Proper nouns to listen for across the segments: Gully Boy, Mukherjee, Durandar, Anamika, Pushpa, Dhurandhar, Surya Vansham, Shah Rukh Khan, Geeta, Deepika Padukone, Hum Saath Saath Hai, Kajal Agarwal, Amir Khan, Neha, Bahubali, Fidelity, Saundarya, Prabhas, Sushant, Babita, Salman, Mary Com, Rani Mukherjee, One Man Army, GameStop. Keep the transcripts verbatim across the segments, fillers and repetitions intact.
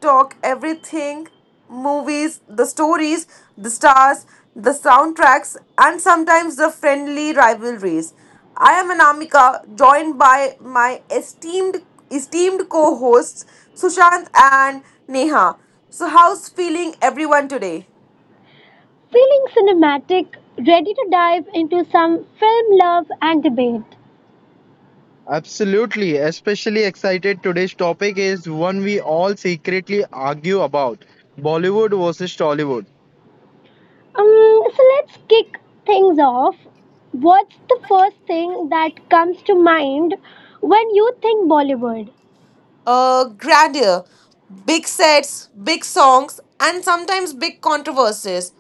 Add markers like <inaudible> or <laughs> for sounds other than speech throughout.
talk everything, movies, the stories, the stars, the soundtracks, and sometimes the friendly rivalries. I am Anamika, joined by my esteemed esteemed co-hosts Sushant and Neha. So, how's feeling everyone today? Feeling cinematic, ready to dive into some film love and debate. Absolutely. Especially excited. Today's topic is one we all secretly argue about: Bollywood versus Tollywood. Um, so let's kick things off. What's the first thing that comes to mind when you think Bollywood? Uh, grandeur, big sets, big songs, and sometimes big controversies.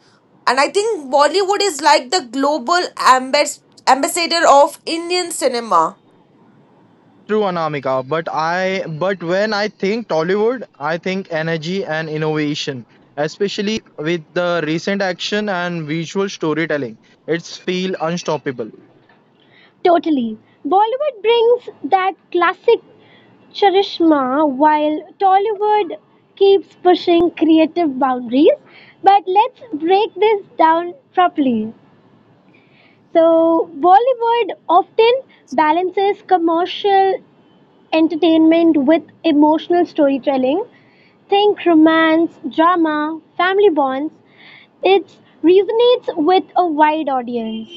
And I think Bollywood is like the global ambas- ambassador of Indian cinema. True, Anamika. But I but when I think Tollywood, I think energy and innovation, especially with the recent action and visual storytelling. It's feel unstoppable. Totally. Bollywood brings that classic charisma while Tollywood keeps pushing creative boundaries. But let's break this down properly. So, Bollywood often balances commercial entertainment with emotional storytelling. Think romance, drama, family bonds. It resonates with a wide audience.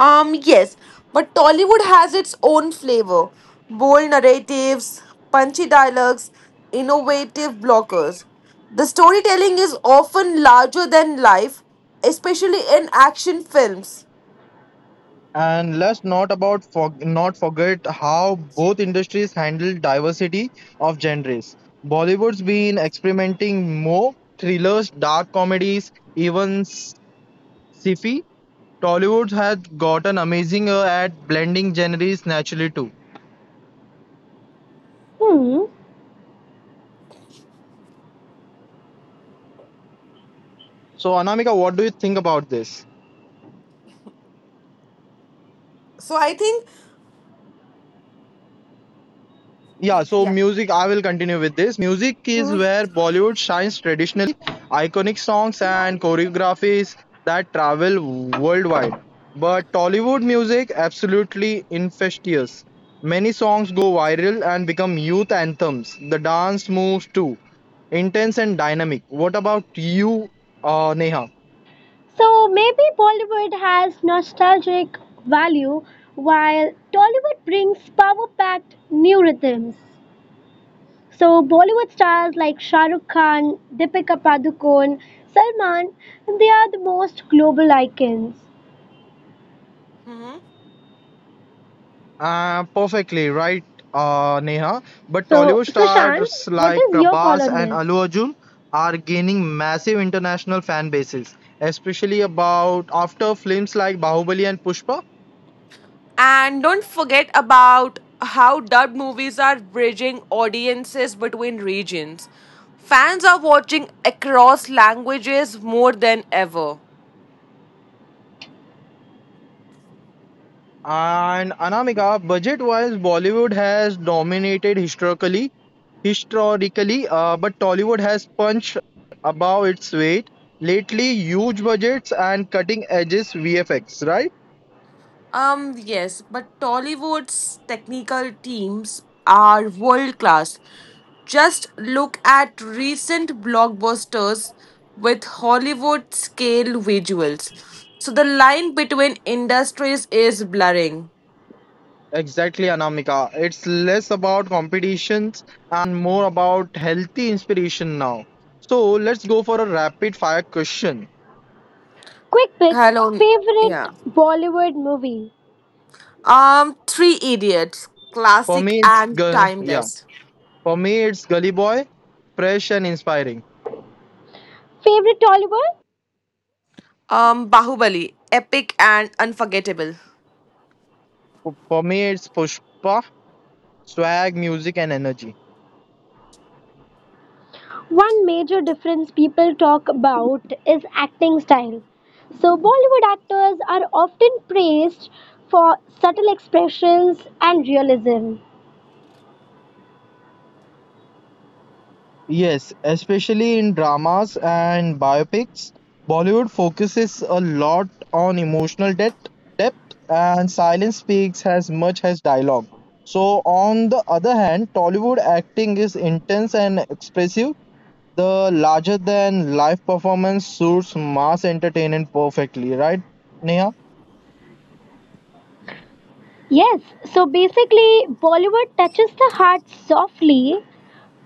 Um, yes, but Tollywood has its own flavor, bold narratives, punchy dialogues, innovative blockers. The storytelling is often larger than life, especially in action films. And let's not about for, not forget how both industries handle diversity of genres. Bollywood's been experimenting more thrillers, dark comedies, even s- sci-fi. Tollywood has gotten amazing uh, at blending genres naturally too. Hmm. So Anamika, what do you think about this? So I think, Yeah, so music, I will continue with this. Music is where Bollywood shines traditionally. Iconic songs and choreographies that travel worldwide. But Tollywood music, absolutely infectious. Many songs go viral and become youth anthems. The dance moves too. Intense and dynamic. What about you, uh, Neha? So maybe Bollywood has nostalgic value while Tollywood brings power packed new rhythms. So Bollywood stars like Shah Rukh Khan, Deepika Padukone, Salman, they are the most global icons. Uh, perfectly right, uh, Neha. But So Tollywood Sushant, stars what like is your call Prabhas on and this? Allu Arjun are gaining massive international fan bases, especially about after films like Bahubali and Pushpa. and don't forget about how dubbed movies are bridging audiences between regions. Fans are watching across languages more than ever. And Anamika, budget-wise, Bollywood has dominated historically, historically, uh, but Tollywood has punched above its weight lately. Huge budgets and cutting edges V F X, right? Um, yes, but Tollywood's technical teams are world class. Just look at recent blockbusters with Hollywood scale visuals. So the line between industries is blurring. Exactly, Anamika. It's less about competitions and more about healthy inspiration now. So let's go for a rapid fire question. Quick picks Hello, favorite yeah. Bollywood movie. Um, Three Idiots, For classic me, it's and gu- yeah. timeless. For me, it's Gully Boy, fresh and inspiring. Favorite Tollywood? Um, Bahubali, epic and unforgettable. For for me, it's Pushpa, swag, music, and energy. One major difference people talk about is acting style. So, Bollywood actors are often praised for subtle expressions and realism. Yes, especially in dramas and biopics, Bollywood focuses a lot on emotional depth, depth and silence speaks as much as dialogue. So, on the other hand, Tollywood acting is intense and expressive. The larger than life performance suits mass entertainment perfectly, right, Neha? Yes, so basically, Bollywood touches the heart softly,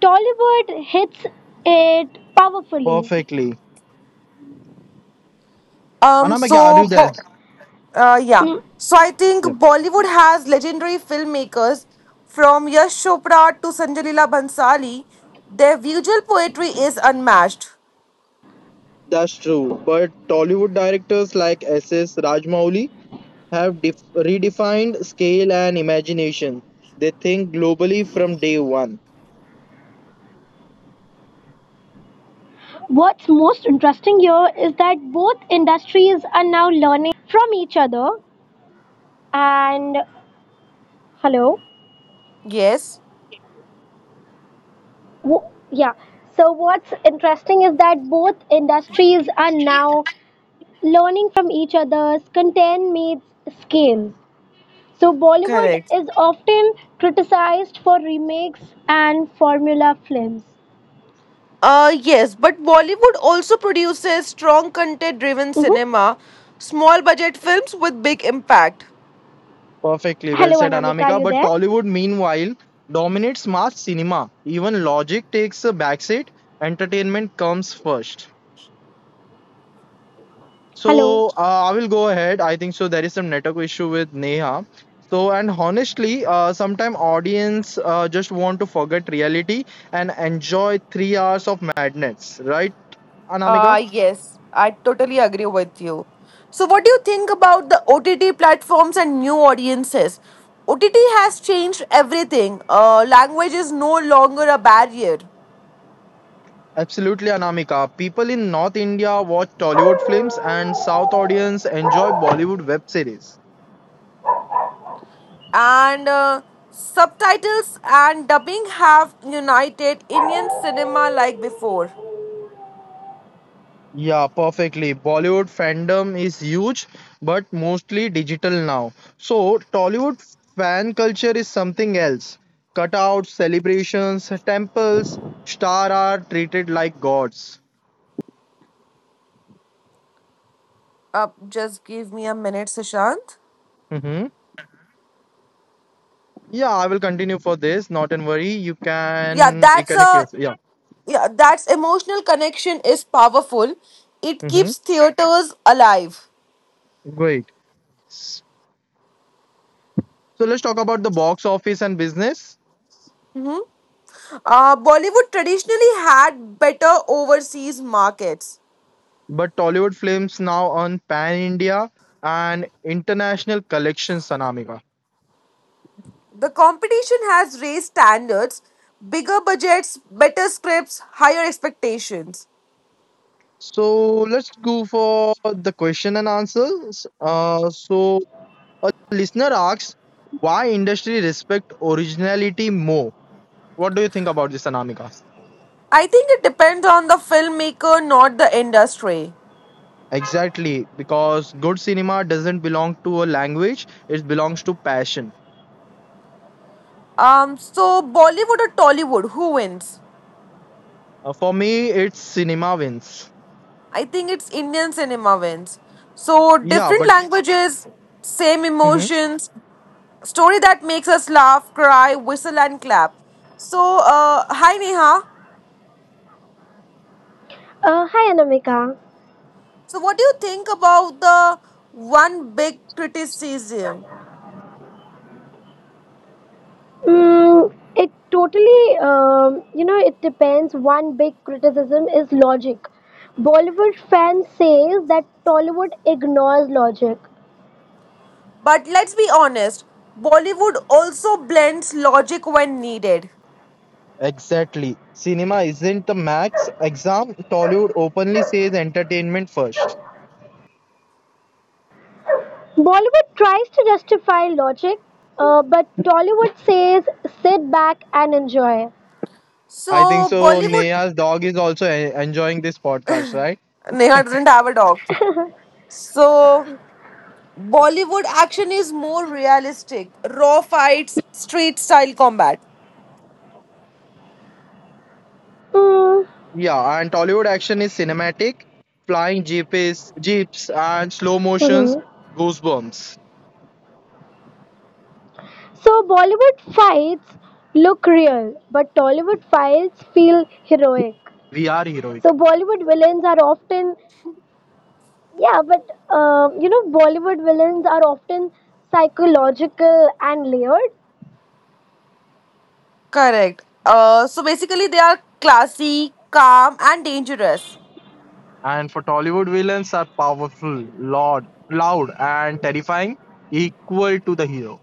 Tollywood hits it powerfully. Perfectly. Um, Anamika, are so, you there? Bo- uh, yeah. Mm. So I think Yeah, Bollywood has legendary filmmakers from Yash Chopra to Sanjay Leela Bhansali. Their visual poetry is unmatched. that's true. But Tollywood directors like S S. Rajmouli have def- redefined scale and imagination. They think globally from day one. What's most interesting here is that both industries are now learning from each other. And hello. Yes. Wo- yeah. So what's interesting is that both industries are now learning from each other's content meets scale. So Bollywood Correct. is often criticized for remakes and formula films. Uh, yes, but Bollywood also produces strong content driven Hmm. cinema, small budget films with big impact. Perfectly well Hello, said, Anamika, are Anamika. you But there? Tollywood, meanwhile, dominates mass cinema. Even logic takes a backseat. Entertainment comes first. Hello. So uh, I will go ahead. I think so. There is some network issue with Neha. So and honestly, uh, sometime audience uh, just want to forget reality and enjoy three hours of madness, right, Anamika? Uh, yes, I totally agree with you. So, what do you think about the O T T platforms and new audiences? O T T has changed everything. Uh, language is no longer a barrier, Absolutely, Anamika. People in North India watch Tollywood films and South audience enjoy Bollywood web series. and uh, subtitles and dubbing have united Indian cinema like before. Yeah, perfectly. Bollywood fandom is huge, but mostly digital now. So, Tollywood fan culture is something else. Cutouts, celebrations, temples, star are treated like gods. Uh, just give me a minute, Sushant. Hmm. Yeah, I will continue for this. Not and worry. You Yeah, can that's reconnect a yourself. Yeah. yeah, that's emotional connection is powerful. It Hmm. keeps theaters alive. Great. So let's talk about the box office and business. Uh, Bollywood traditionally had better overseas markets. But Tollywood films now earn pan India and international collections, Sanamika. The competition has raised standards, bigger budgets, better scripts, higher expectations. So let's go for the question and answers. Uh, so a listener asks, why industry respect originality more? What do you think about this, Sanamika? I think it depends on the filmmaker, not the industry. Exactly, because good cinema doesn't belong to a language; it belongs to passion. Um, so Bollywood or Tollywood, who wins? Uh, for me, it's cinema wins. I think it's Indian cinema wins. So Yeah, different but. languages, same Mm-hmm. emotions, story that makes us laugh, cry, whistle, and clap. So, uh, hi Neha. Uh, hi Anamika. So, what do you think about the one big criticism? Mm, it totally, um, you know, it depends. One big criticism is logic. Bollywood fans say that Tollywood ignores logic. But let's be honest, Bollywood also blends logic when needed. Exactly. Cinema isn't the max exam. Tollywood openly says entertainment first. Bollywood tries to justify logic, uh, but Tollywood says sit back and enjoy. I think So, so. Bollywood. Neha's dog is also e- enjoying this podcast, right? Neha doesn't have a dog. So, Bollywood action is more realistic raw fights, street style combat. Mm, Yeah, and Tollywood action is cinematic, flying jeeps, jeeps, and slow motions, mhm. goosebumps. So Bollywood fights look real, but Tollywood fights feel heroic. We are heroic, So Bollywood villains are often Yeah, but um, you know, Bollywood villains are often psychological and layered. Correct. Uh, so, basically, they are classy, calm, and dangerous. and for Tollywood villains are powerful, loud, loud, and terrifying, equal to the hero.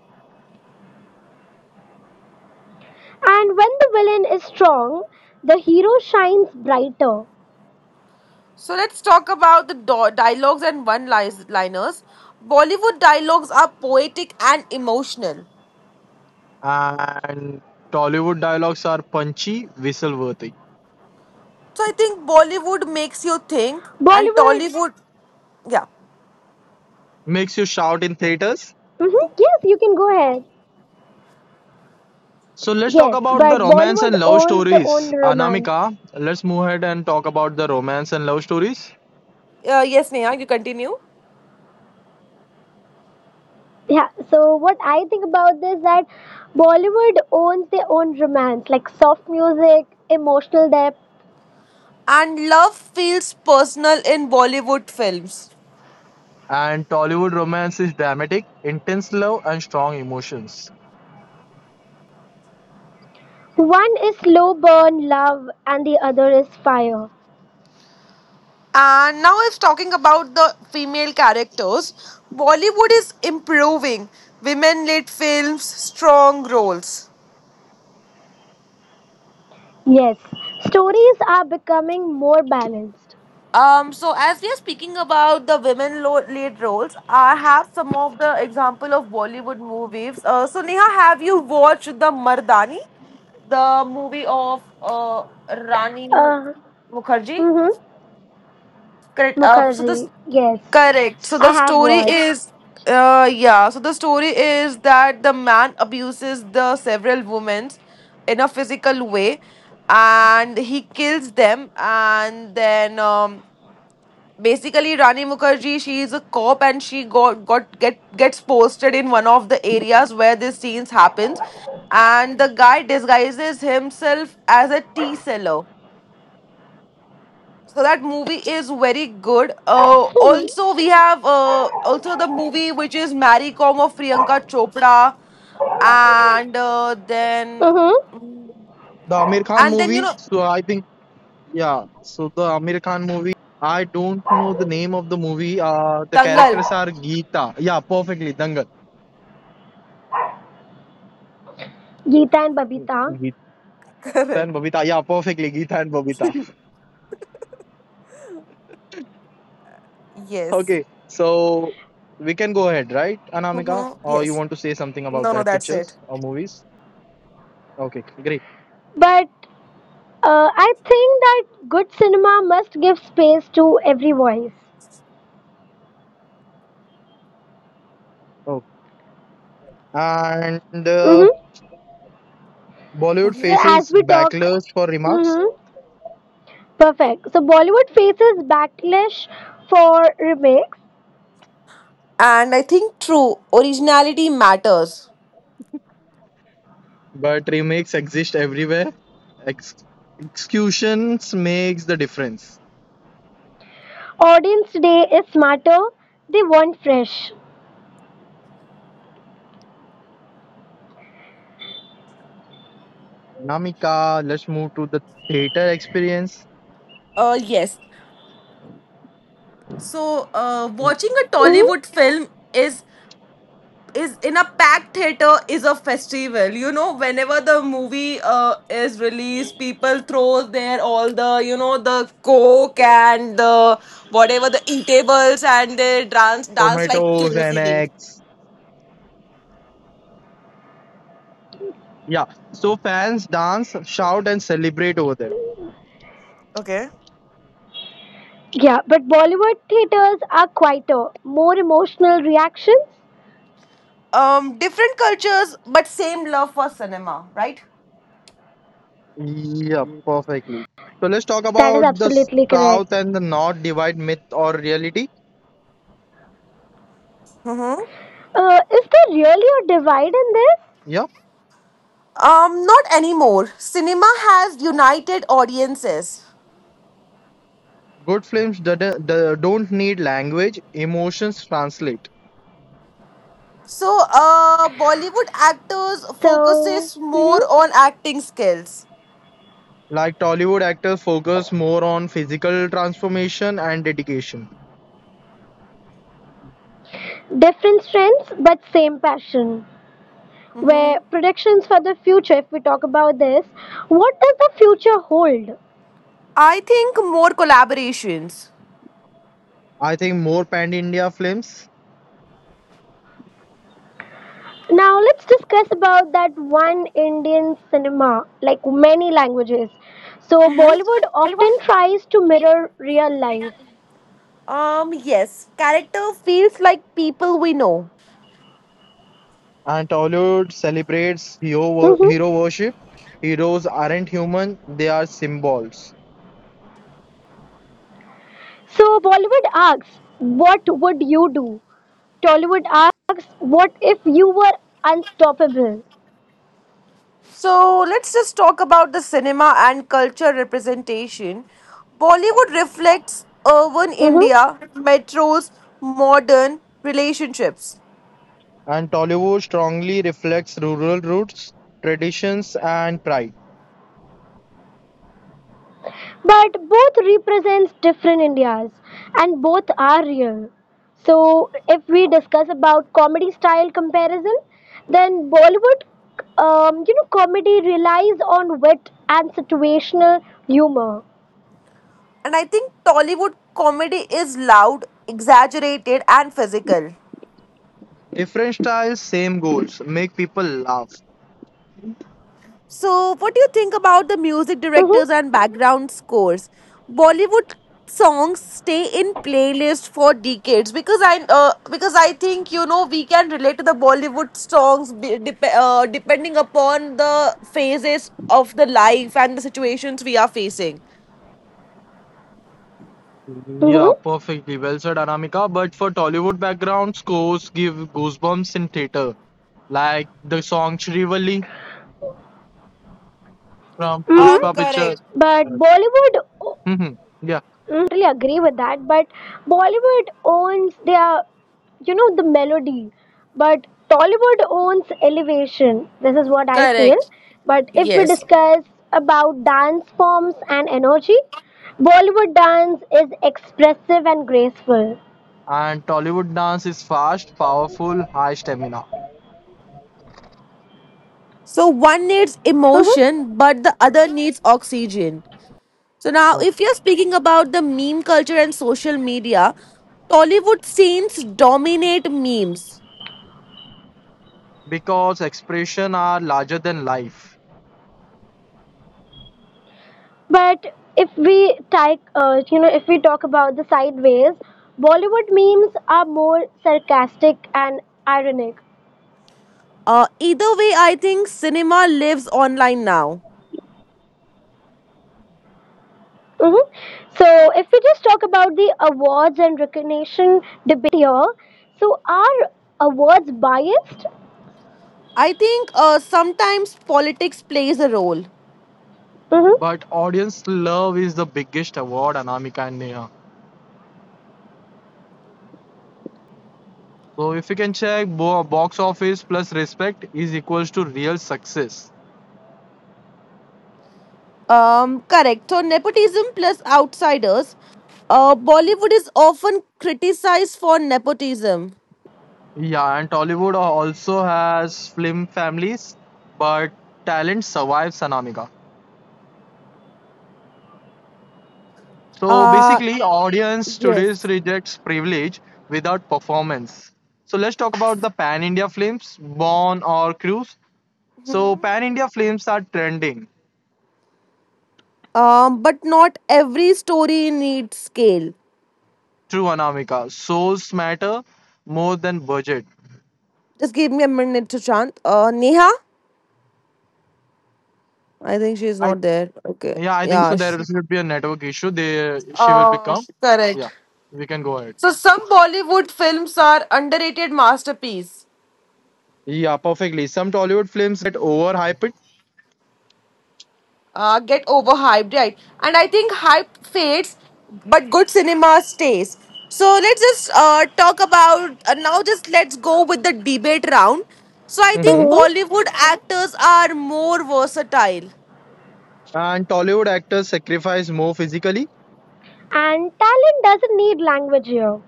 And when the villain is strong, the hero shines brighter. So let's talk about the do- dialogues and one liners. Bollywood dialogues are poetic and emotional. And Tollywood dialogues are punchy, whistle-worthy, So I think Bollywood makes you think, and Bollywood, Tollywood, yeah. makes you shout in theaters. hmm, yes, you can go ahead. So Okay. let's talk Yes, about the but romance Bollywood and love owns their stories. own romance. Anamika, let's move ahead and talk about the romance and love stories. Uh, yes, Neha, you continue. Yeah, so what I think about this that Bollywood owns their own romance, like soft music, emotional depth. And love feels personal in Bollywood films. And Tollywood romance is dramatic, intense love, and strong emotions. One is slow burn love and the other is fire. And now, if talking about the female characters, Bollywood is improving. Women led films, strong roles. Yes, stories are becoming more balanced. Um, so as we are speaking about the women lo- lead roles, I have some of the example of Bollywood movies. Uh, so Neha, have you watched the Mardani, the movie of uh, Rani Uh, Mukherjee? mm-hmm. Correct. Uh, so this Mukherjee, yes, correct. So the I have story watched. is uh yeah. So the story is that the man abuses the several women in a physical way, and he kills them, and then um basically Rani Mukherjee, she is a cop and she got got get gets posted in one of the areas where this scenes happens and the guy disguises himself as a tea seller. So that movie is very good. Uh, <laughs> mm-hmm. Also we have, uh, also, the movie which is Marry Com of Priyanka Chopra, and uh, then The Amir Khan and then you movie, know, so I think, yeah, so the Amir Khan movie, I don't know the name of the movie. Uh, the Dangal. characters are Geeta, yeah, perfectly, Dangal. Geeta and Babita. Geeta <laughs> Correct. and Babita, yeah, perfectly, Geeta and Babita. Okay, so we can go ahead, right, Anamika? Or you Yes. want to say something about that pictures or movies? Okay, great. But uh, I think that good cinema must give space to every voice. Oh, and uh, Mm-hmm. Bollywood Mhm. As faces we talk, backlash for remarks, mm-hmm, perfect. So Bollywood faces backlash for remakes. And I think true originality matters. but remakes exist everywhere. Ex- Executions makes the difference. Audience today is smarter. They want fresh. Anamika, let's move to the theater experience. Uh, yes. So, uh, watching a Hmm. Tollywood film is is in a packed theater is a festival. You know, whenever the movie uh is released, people throw their all the, you know, the coke and the whatever the eatables, and they dance dance like Tomatoes and crazy. eggs. Yeah, so fans dance, shout, and celebrate over there. Okay. Yeah, but Bollywood theaters are quieter, more emotional reactions. Um, different cultures but same love for cinema, right? Yeah, perfectly. So let's talk That is about the absolutely South correct. and the North divide, myth or reality. Mm-hmm. Uh, is there really a divide in this? Yeah, Um, not anymore. Cinema has united audiences. good films that that don't need language, emotions translate. So, uh, Bollywood actors So, focuses hmm, more on acting skills. Like Tollywood actors focus more on physical transformation and dedication. different strengths but same passion. Where predictions for the future, if we talk about this, what does the future hold? I think more collaborations. I think more pan-India films Now, let's discuss about that one Indian cinema, like many languages. So, Mm-hmm. Bollywood often tries to mirror real life. Um, yes, character feels like people we know. and Tollywood celebrates hero, wo- Hmm. hero worship. Heroes aren't human, they are symbols. So Bollywood asks, what would you do? Tollywood asks, what if you were unstoppable? So let's just talk about the cinema and culture representation. Bollywood reflects urban Mhm. India, metros, modern relationships. And Tollywood strongly reflects rural roots, traditions, and pride. But both represents different Indias and both are real. So if we discuss about comedy style comparison, then Bollywood, um, you know, comedy relies on wit and situational humor. And I think Tollywood comedy is loud, exaggerated, and physical. Different styles, same goals. Make people laugh. So, what do you think about the music Mm-hmm. directors and background scores? Bollywood songs stay in playlist for decades because I uh, because I think, you know, we can relate to the Bollywood songs be, dep- uh, depending upon the phases of the life and the situations we are facing. Mm-hmm. Yeah, perfectly. Well said, Anamika. But for Tollywood background scores give goosebumps in theater, like the song Shrivali from Um, Mm-hmm. Pushpa Picture. correct. But Bollywood Mhm. Yeah, agree with that. But Bollywood owns their, you know, the melody. But Tollywood owns elevation. This is what I feel. Correct. But if we Yes. discuss about dance forms and energy, Bollywood dance is expressive and graceful. and Tollywood dance is fast, powerful, high stamina. So one needs Hmm. emotion, but the other needs oxygen. So now, Oh. if you're speaking about the meme culture and social media, Tollywood scenes dominate memes. Because expression are larger than life. But if we take, uh, you know, if we talk about the sideways, Bollywood memes are more sarcastic and ironic. Uh, either way, I think cinema lives online now. Hmm. So, if we just talk about the awards and recognition debate here, so are awards biased? I think, uh, sometimes politics plays a role. Mm-hmm. But audience love is the biggest award, Anamika and Neha. So if you can check bo- box office plus respect is equals to real success. Um, correct. So nepotism plus outsiders. Uh, Bollywood is often criticized for nepotism. Yeah, and Tollywood also has film families, but talent survives Anamika. So Uh, basically, audience today's yes. rejects privilege without performance. So let's talk about the Pan India films, Born or Cruise. So Mm-hmm. Pan India films are trending. Um, but not every story needs scale. True Anamika. Souls matter more than budget. Just give me a minute to chant. Uh, Neha? I think she's I not there. Okay. Yeah, I think so. Yeah. sh- There should be a network issue. They she will Um, become. Yeah, correct. we can go ahead. So some Bollywood films are underrated masterpiece. Yeah, perfectly. Some Tollywood films get overhyped. Uh, get overhyped, right? And I think hype fades, but good cinema stays. So let's just uh, talk about uh, now. Just let's go with the debate round. So I Mm-hmm. think Hmm. Bollywood actors are more versatile. And Tollywood actors sacrifice more physically. And talent doesn't need language here.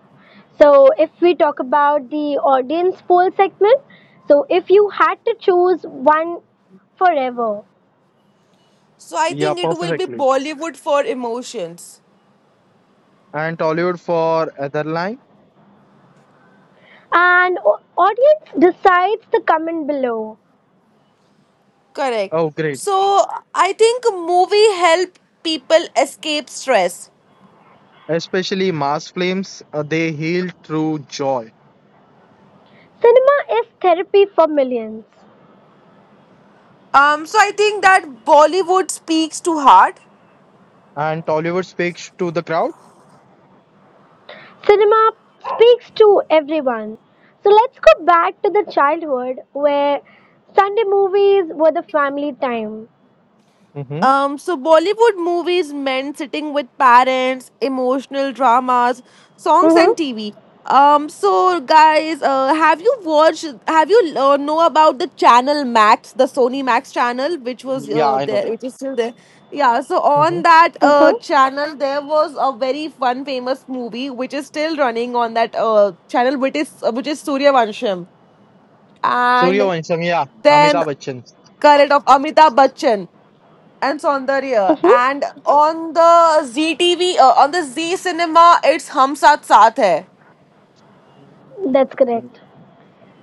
So, if we talk about the audience poll segment, so if you had to choose one forever, So I Yeah, think it will be perfectly. Bollywood for emotions. And Tollywood for other line. and au- audience decides the comment below. Correct. Oh, great. So I think movie help people escape stress. Especially mass films, uh, they heal through joy, Cinema is therapy for millions. Um, so I think that Bollywood speaks to heart. and Tollywood speaks to the crowd. Cinema speaks to everyone. So let's go back to the childhood where Sunday movies were the family time. Mm-hmm. Um, so Bollywood movies meant sitting with parents, emotional dramas, songs, and Mhm. T V. Um, so guys, uh, have you watched? Have you, uh, know about the channel Max, the Sony Max channel, which was Yeah, uh, I know there, that. which is still there? Yeah. So Mm-hmm. on that uh, Mhm. channel, there was a very fun, famous movie which is still running on that uh, channel, which is uh, which is Surya Vansham, Surya and Vansham, yeah, then, Amitabh Bachchan. correct, of Amitabh Bachchan and Saundarya. Mhm. And on the Z T V, uh, on the Z Cinema, it's Hum Saath Saath Hai. That's Um, correct.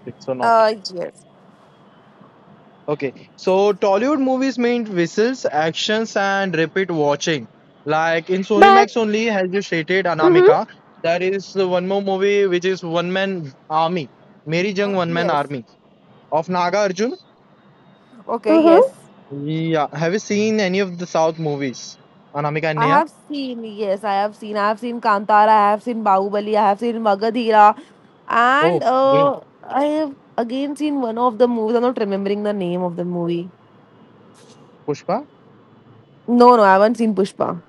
It's or not. Uh, yes. Okay, so Tollywood movies mean whistles, actions, and repeat watching. Like in Sony But Max only, as you stated, mhm. Anamika, there is one more movie which is One Man Army, Meri Jung Uh, One Man yes. Army of Naga Arjun. Okay, Mm-hmm. yes. Yeah, have you seen any of the South movies, Anamika and I Neha? have seen, yes, I have seen. I have seen Kantara, I have seen Bahubali, I have seen Magadhira. And Oh, great. uh, I have again seen one of the movies. I'm not remembering the name of the movie. Pushpa? No, no, I haven't seen Pushpa.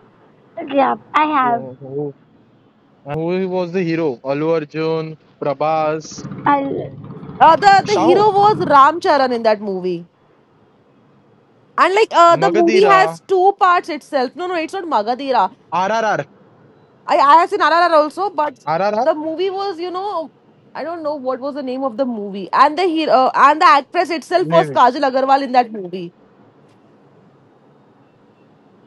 Yeah, I have. Oh, oh. And who was the hero? Allu Arjun, Prabhas, I'll. Uh, the, the Shaho, hero was Ram Charan in that movie. And like uh, the movie Magadira, has two parts itself. No, no, it's not Magadhira. R R R, I, I have seen R R R also, but R RRR, the movie was, you know, I don't know what was the name of the movie, and the hero uh, and the actress itself was R R R, Kajal Agarwal in that movie.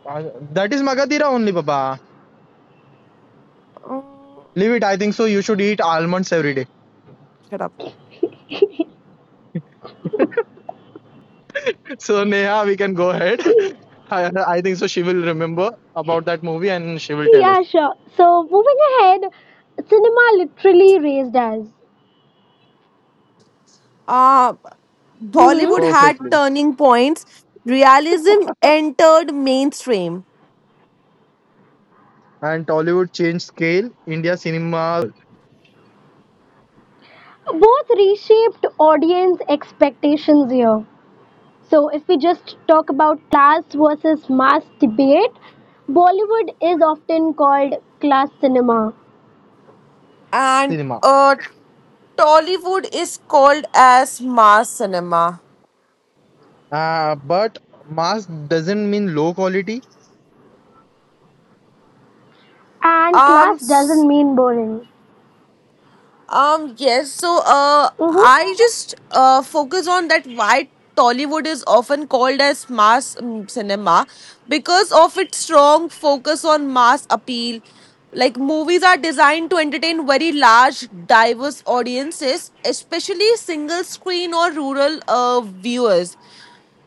Uh, that is Magadira only, Baba. Um, Leave it. I think so. You should eat almonds every day. <laughs> shut up. So, Neha, we can go ahead. <laughs> I, I think so. She will remember about that movie and she will tell us Yeah, sure. So moving ahead, cinema literally raised us. Uh, Mm-hmm. Bollywood had perfectly. turning points. Realism entered mainstream, And Tollywood changed scale. India cinemas Both reshaped audience expectations here. So if we just talk about class versus mass debate, Bollywood is often called class cinema, and Cinema. uh, Tollywood is called as mass cinema. Uh, but mass doesn't mean low quality. and class Um, doesn't mean boring. Um, yes. So, uh, Mm-hmm. I just uh, focus on that why Tollywood is often called as mass um, cinema because of its strong focus on mass appeal. Like, movies are designed to entertain very large, diverse audiences, especially single screen or rural uh, viewers.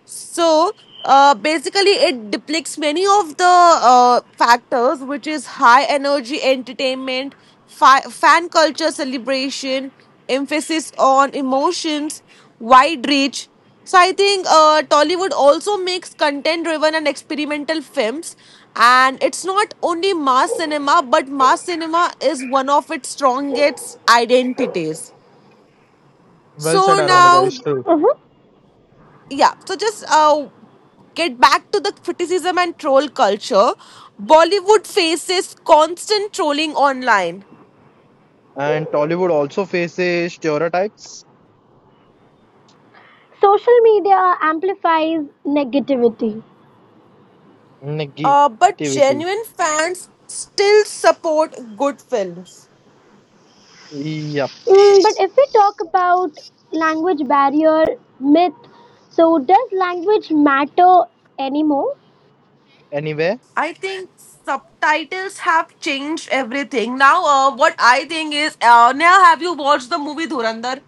So uh, basically, it depicts many of the uh, factors, which is high energy entertainment, fi- fan culture celebration, emphasis on emotions, wide reach. So I think uh, Tollywood also makes content-driven and experimental films, and it's not only mass cinema, but mass cinema is one of its strongest identities. Well said, So Anamika. now, It's true. Mm-hmm. yeah, so just uh, get back to the criticism and troll culture. Bollywood faces constant trolling online, And Tollywood also faces stereotypes, Social media amplifies negativity. negativity. uh, but genuine fans still support good films. Yep. Mm, but if we talk about language barrier myth, so does language matter anymore? Anyway, I think subtitles have changed everything now. Uh, what I think is, uh, now have you watched the movie Dhurandhar?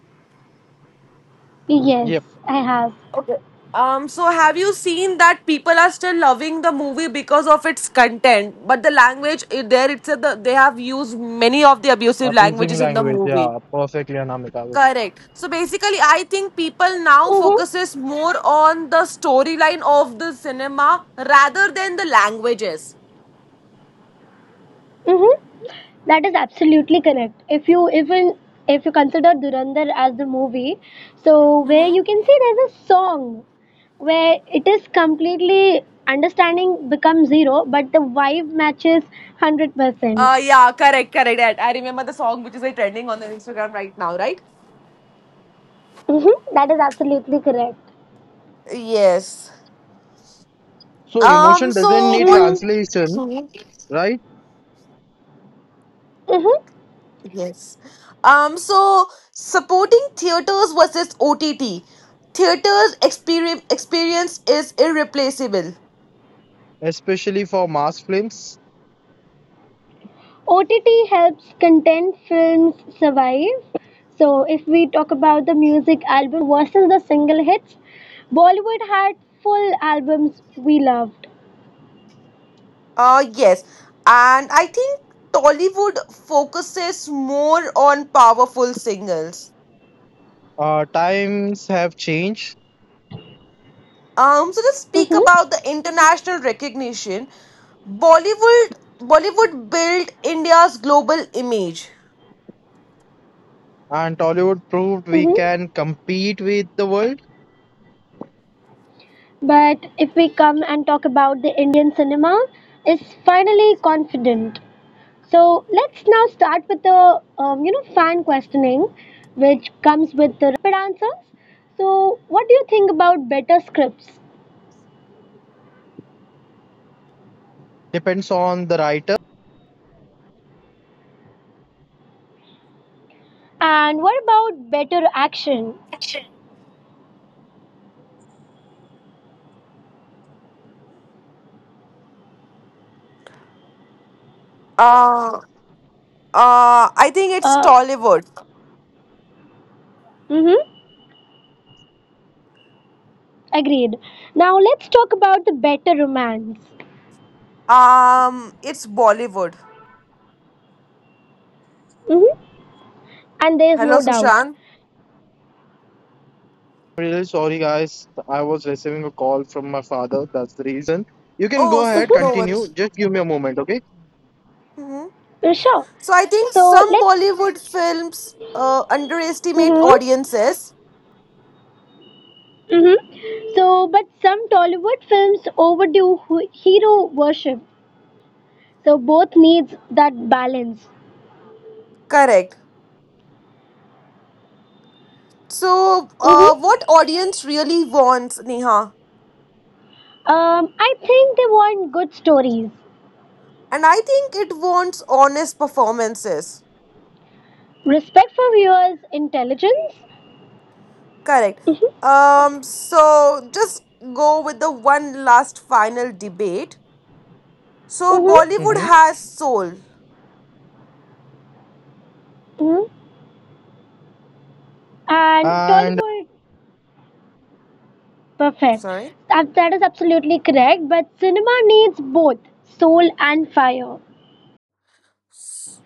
Yes, yep. I have. Um, so have you seen that people are still loving the movie because of its content, but the language i- there it's a, the, they have used many of the abusive Abusing languages in the language, movie. yeah, perfectly Anamika. Correct. So basically, I think people now Mm-hmm. focuses more on the storyline of the cinema rather than the languages. Mm-hmm. That is absolutely correct. If you even if you consider Durandar as the movie, so where you can see there's a song where it is completely understanding becomes zero, but the vibe matches hundred percent. Uh, yeah, correct, correct. I I remember the song which is like, trending on the Instagram right now, right? Mm-hmm. That is absolutely correct. Yes. So Um. emotion doesn't So need what? Mm, translation, right? mm-hmm. Yes. Um, so supporting theaters versus O T T. Theaters experience experience is irreplaceable. Especially for mass films. O T T helps content films survive. So, if we talk about the music albums versus the single hits, Bollywood had full albums we loved. Uh yes. And I think Tollywood focuses more on powerful singles. Uh, times have changed, Um, so let's speak Hmm. about the international recognition. Bollywood Bollywood built India's global image. and Tollywood proved we Hmm. can compete with the world. But if we come and talk about the Indian cinema, it's finally confident. So let's now start with the um, you know fan questioning, which comes with the rapid answers. So, what do you think about better scripts? Depends on the right And what about better action? Uh uh I think it's Uh, Tollywood. mm-hmm, agreed. Now let's talk about the better romance. Um it's Bollywood. Mm-hmm, and there's Hello no doubt. Sushant. really sorry, guys. I was receiving a call from my father. That's the reason. You can Oh, go s- ahead, Mm-hmm, no continue. worries. Just give me a moment, okay? Mhm. mm, sure. So I think So some let's. Bollywood films, uh, underestimate Mm-hmm, audiences. mm-hmm. So, but some Tollywood films overdo hu- hero worship. So both needs that balance. Correct. So, uh, Mm-hmm. what audience really wants, Neha? Um, I think they want good stories, And I think it wants honest performances. respect for viewers' intelligence. Correct. Mm-hmm, Um. So just go with the one last final debate. So mm-hmm, Bollywood Mm-hmm. has soul. mm-hmm. And And Tollywood perfect. Sorry. That, that is absolutely correct. But cinema needs both soul and fire. S-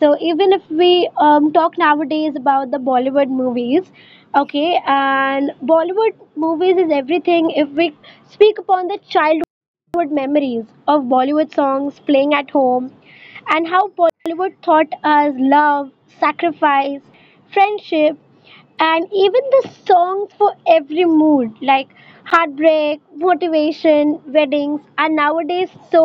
So even if we um, talk nowadays about the Bollywood movies, okay, and Bollywood movies is everything. If we speak upon the childhood memories of Bollywood songs playing at home, and how Bollywood taught us love, sacrifice, friendship, and even the songs for every mood like heartbreak motivation weddings are nowadays so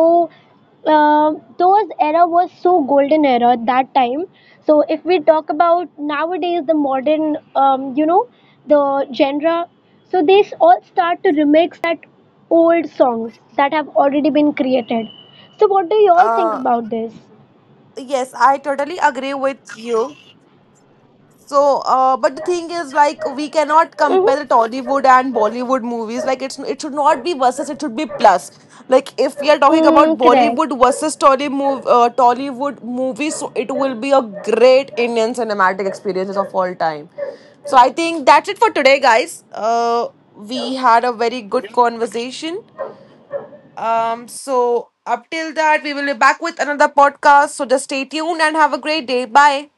um those era was so golden era at that time, so if we talk about nowadays the modern um, you know the genre so they s- all start to remix that old songs that have already been created, so what do you all think Uh. about this? Yes, I totally agree with you. So, uh, but the thing is, like, we cannot Mm-hmm. compare Tollywood and Bollywood movies. Like, it's it should not be versus; it should be plus. Like, if we are talking about Mm, correct. Bollywood versus Tolly mov- uh, Tollywood movies, so it will be a great Indian cinematic experiences of all time. So, I think that's it for today, guys. Uh, we had a very good, yeah, conversation. Um, so up till that, we will be back with another podcast. So just stay tuned and have a great day. Bye.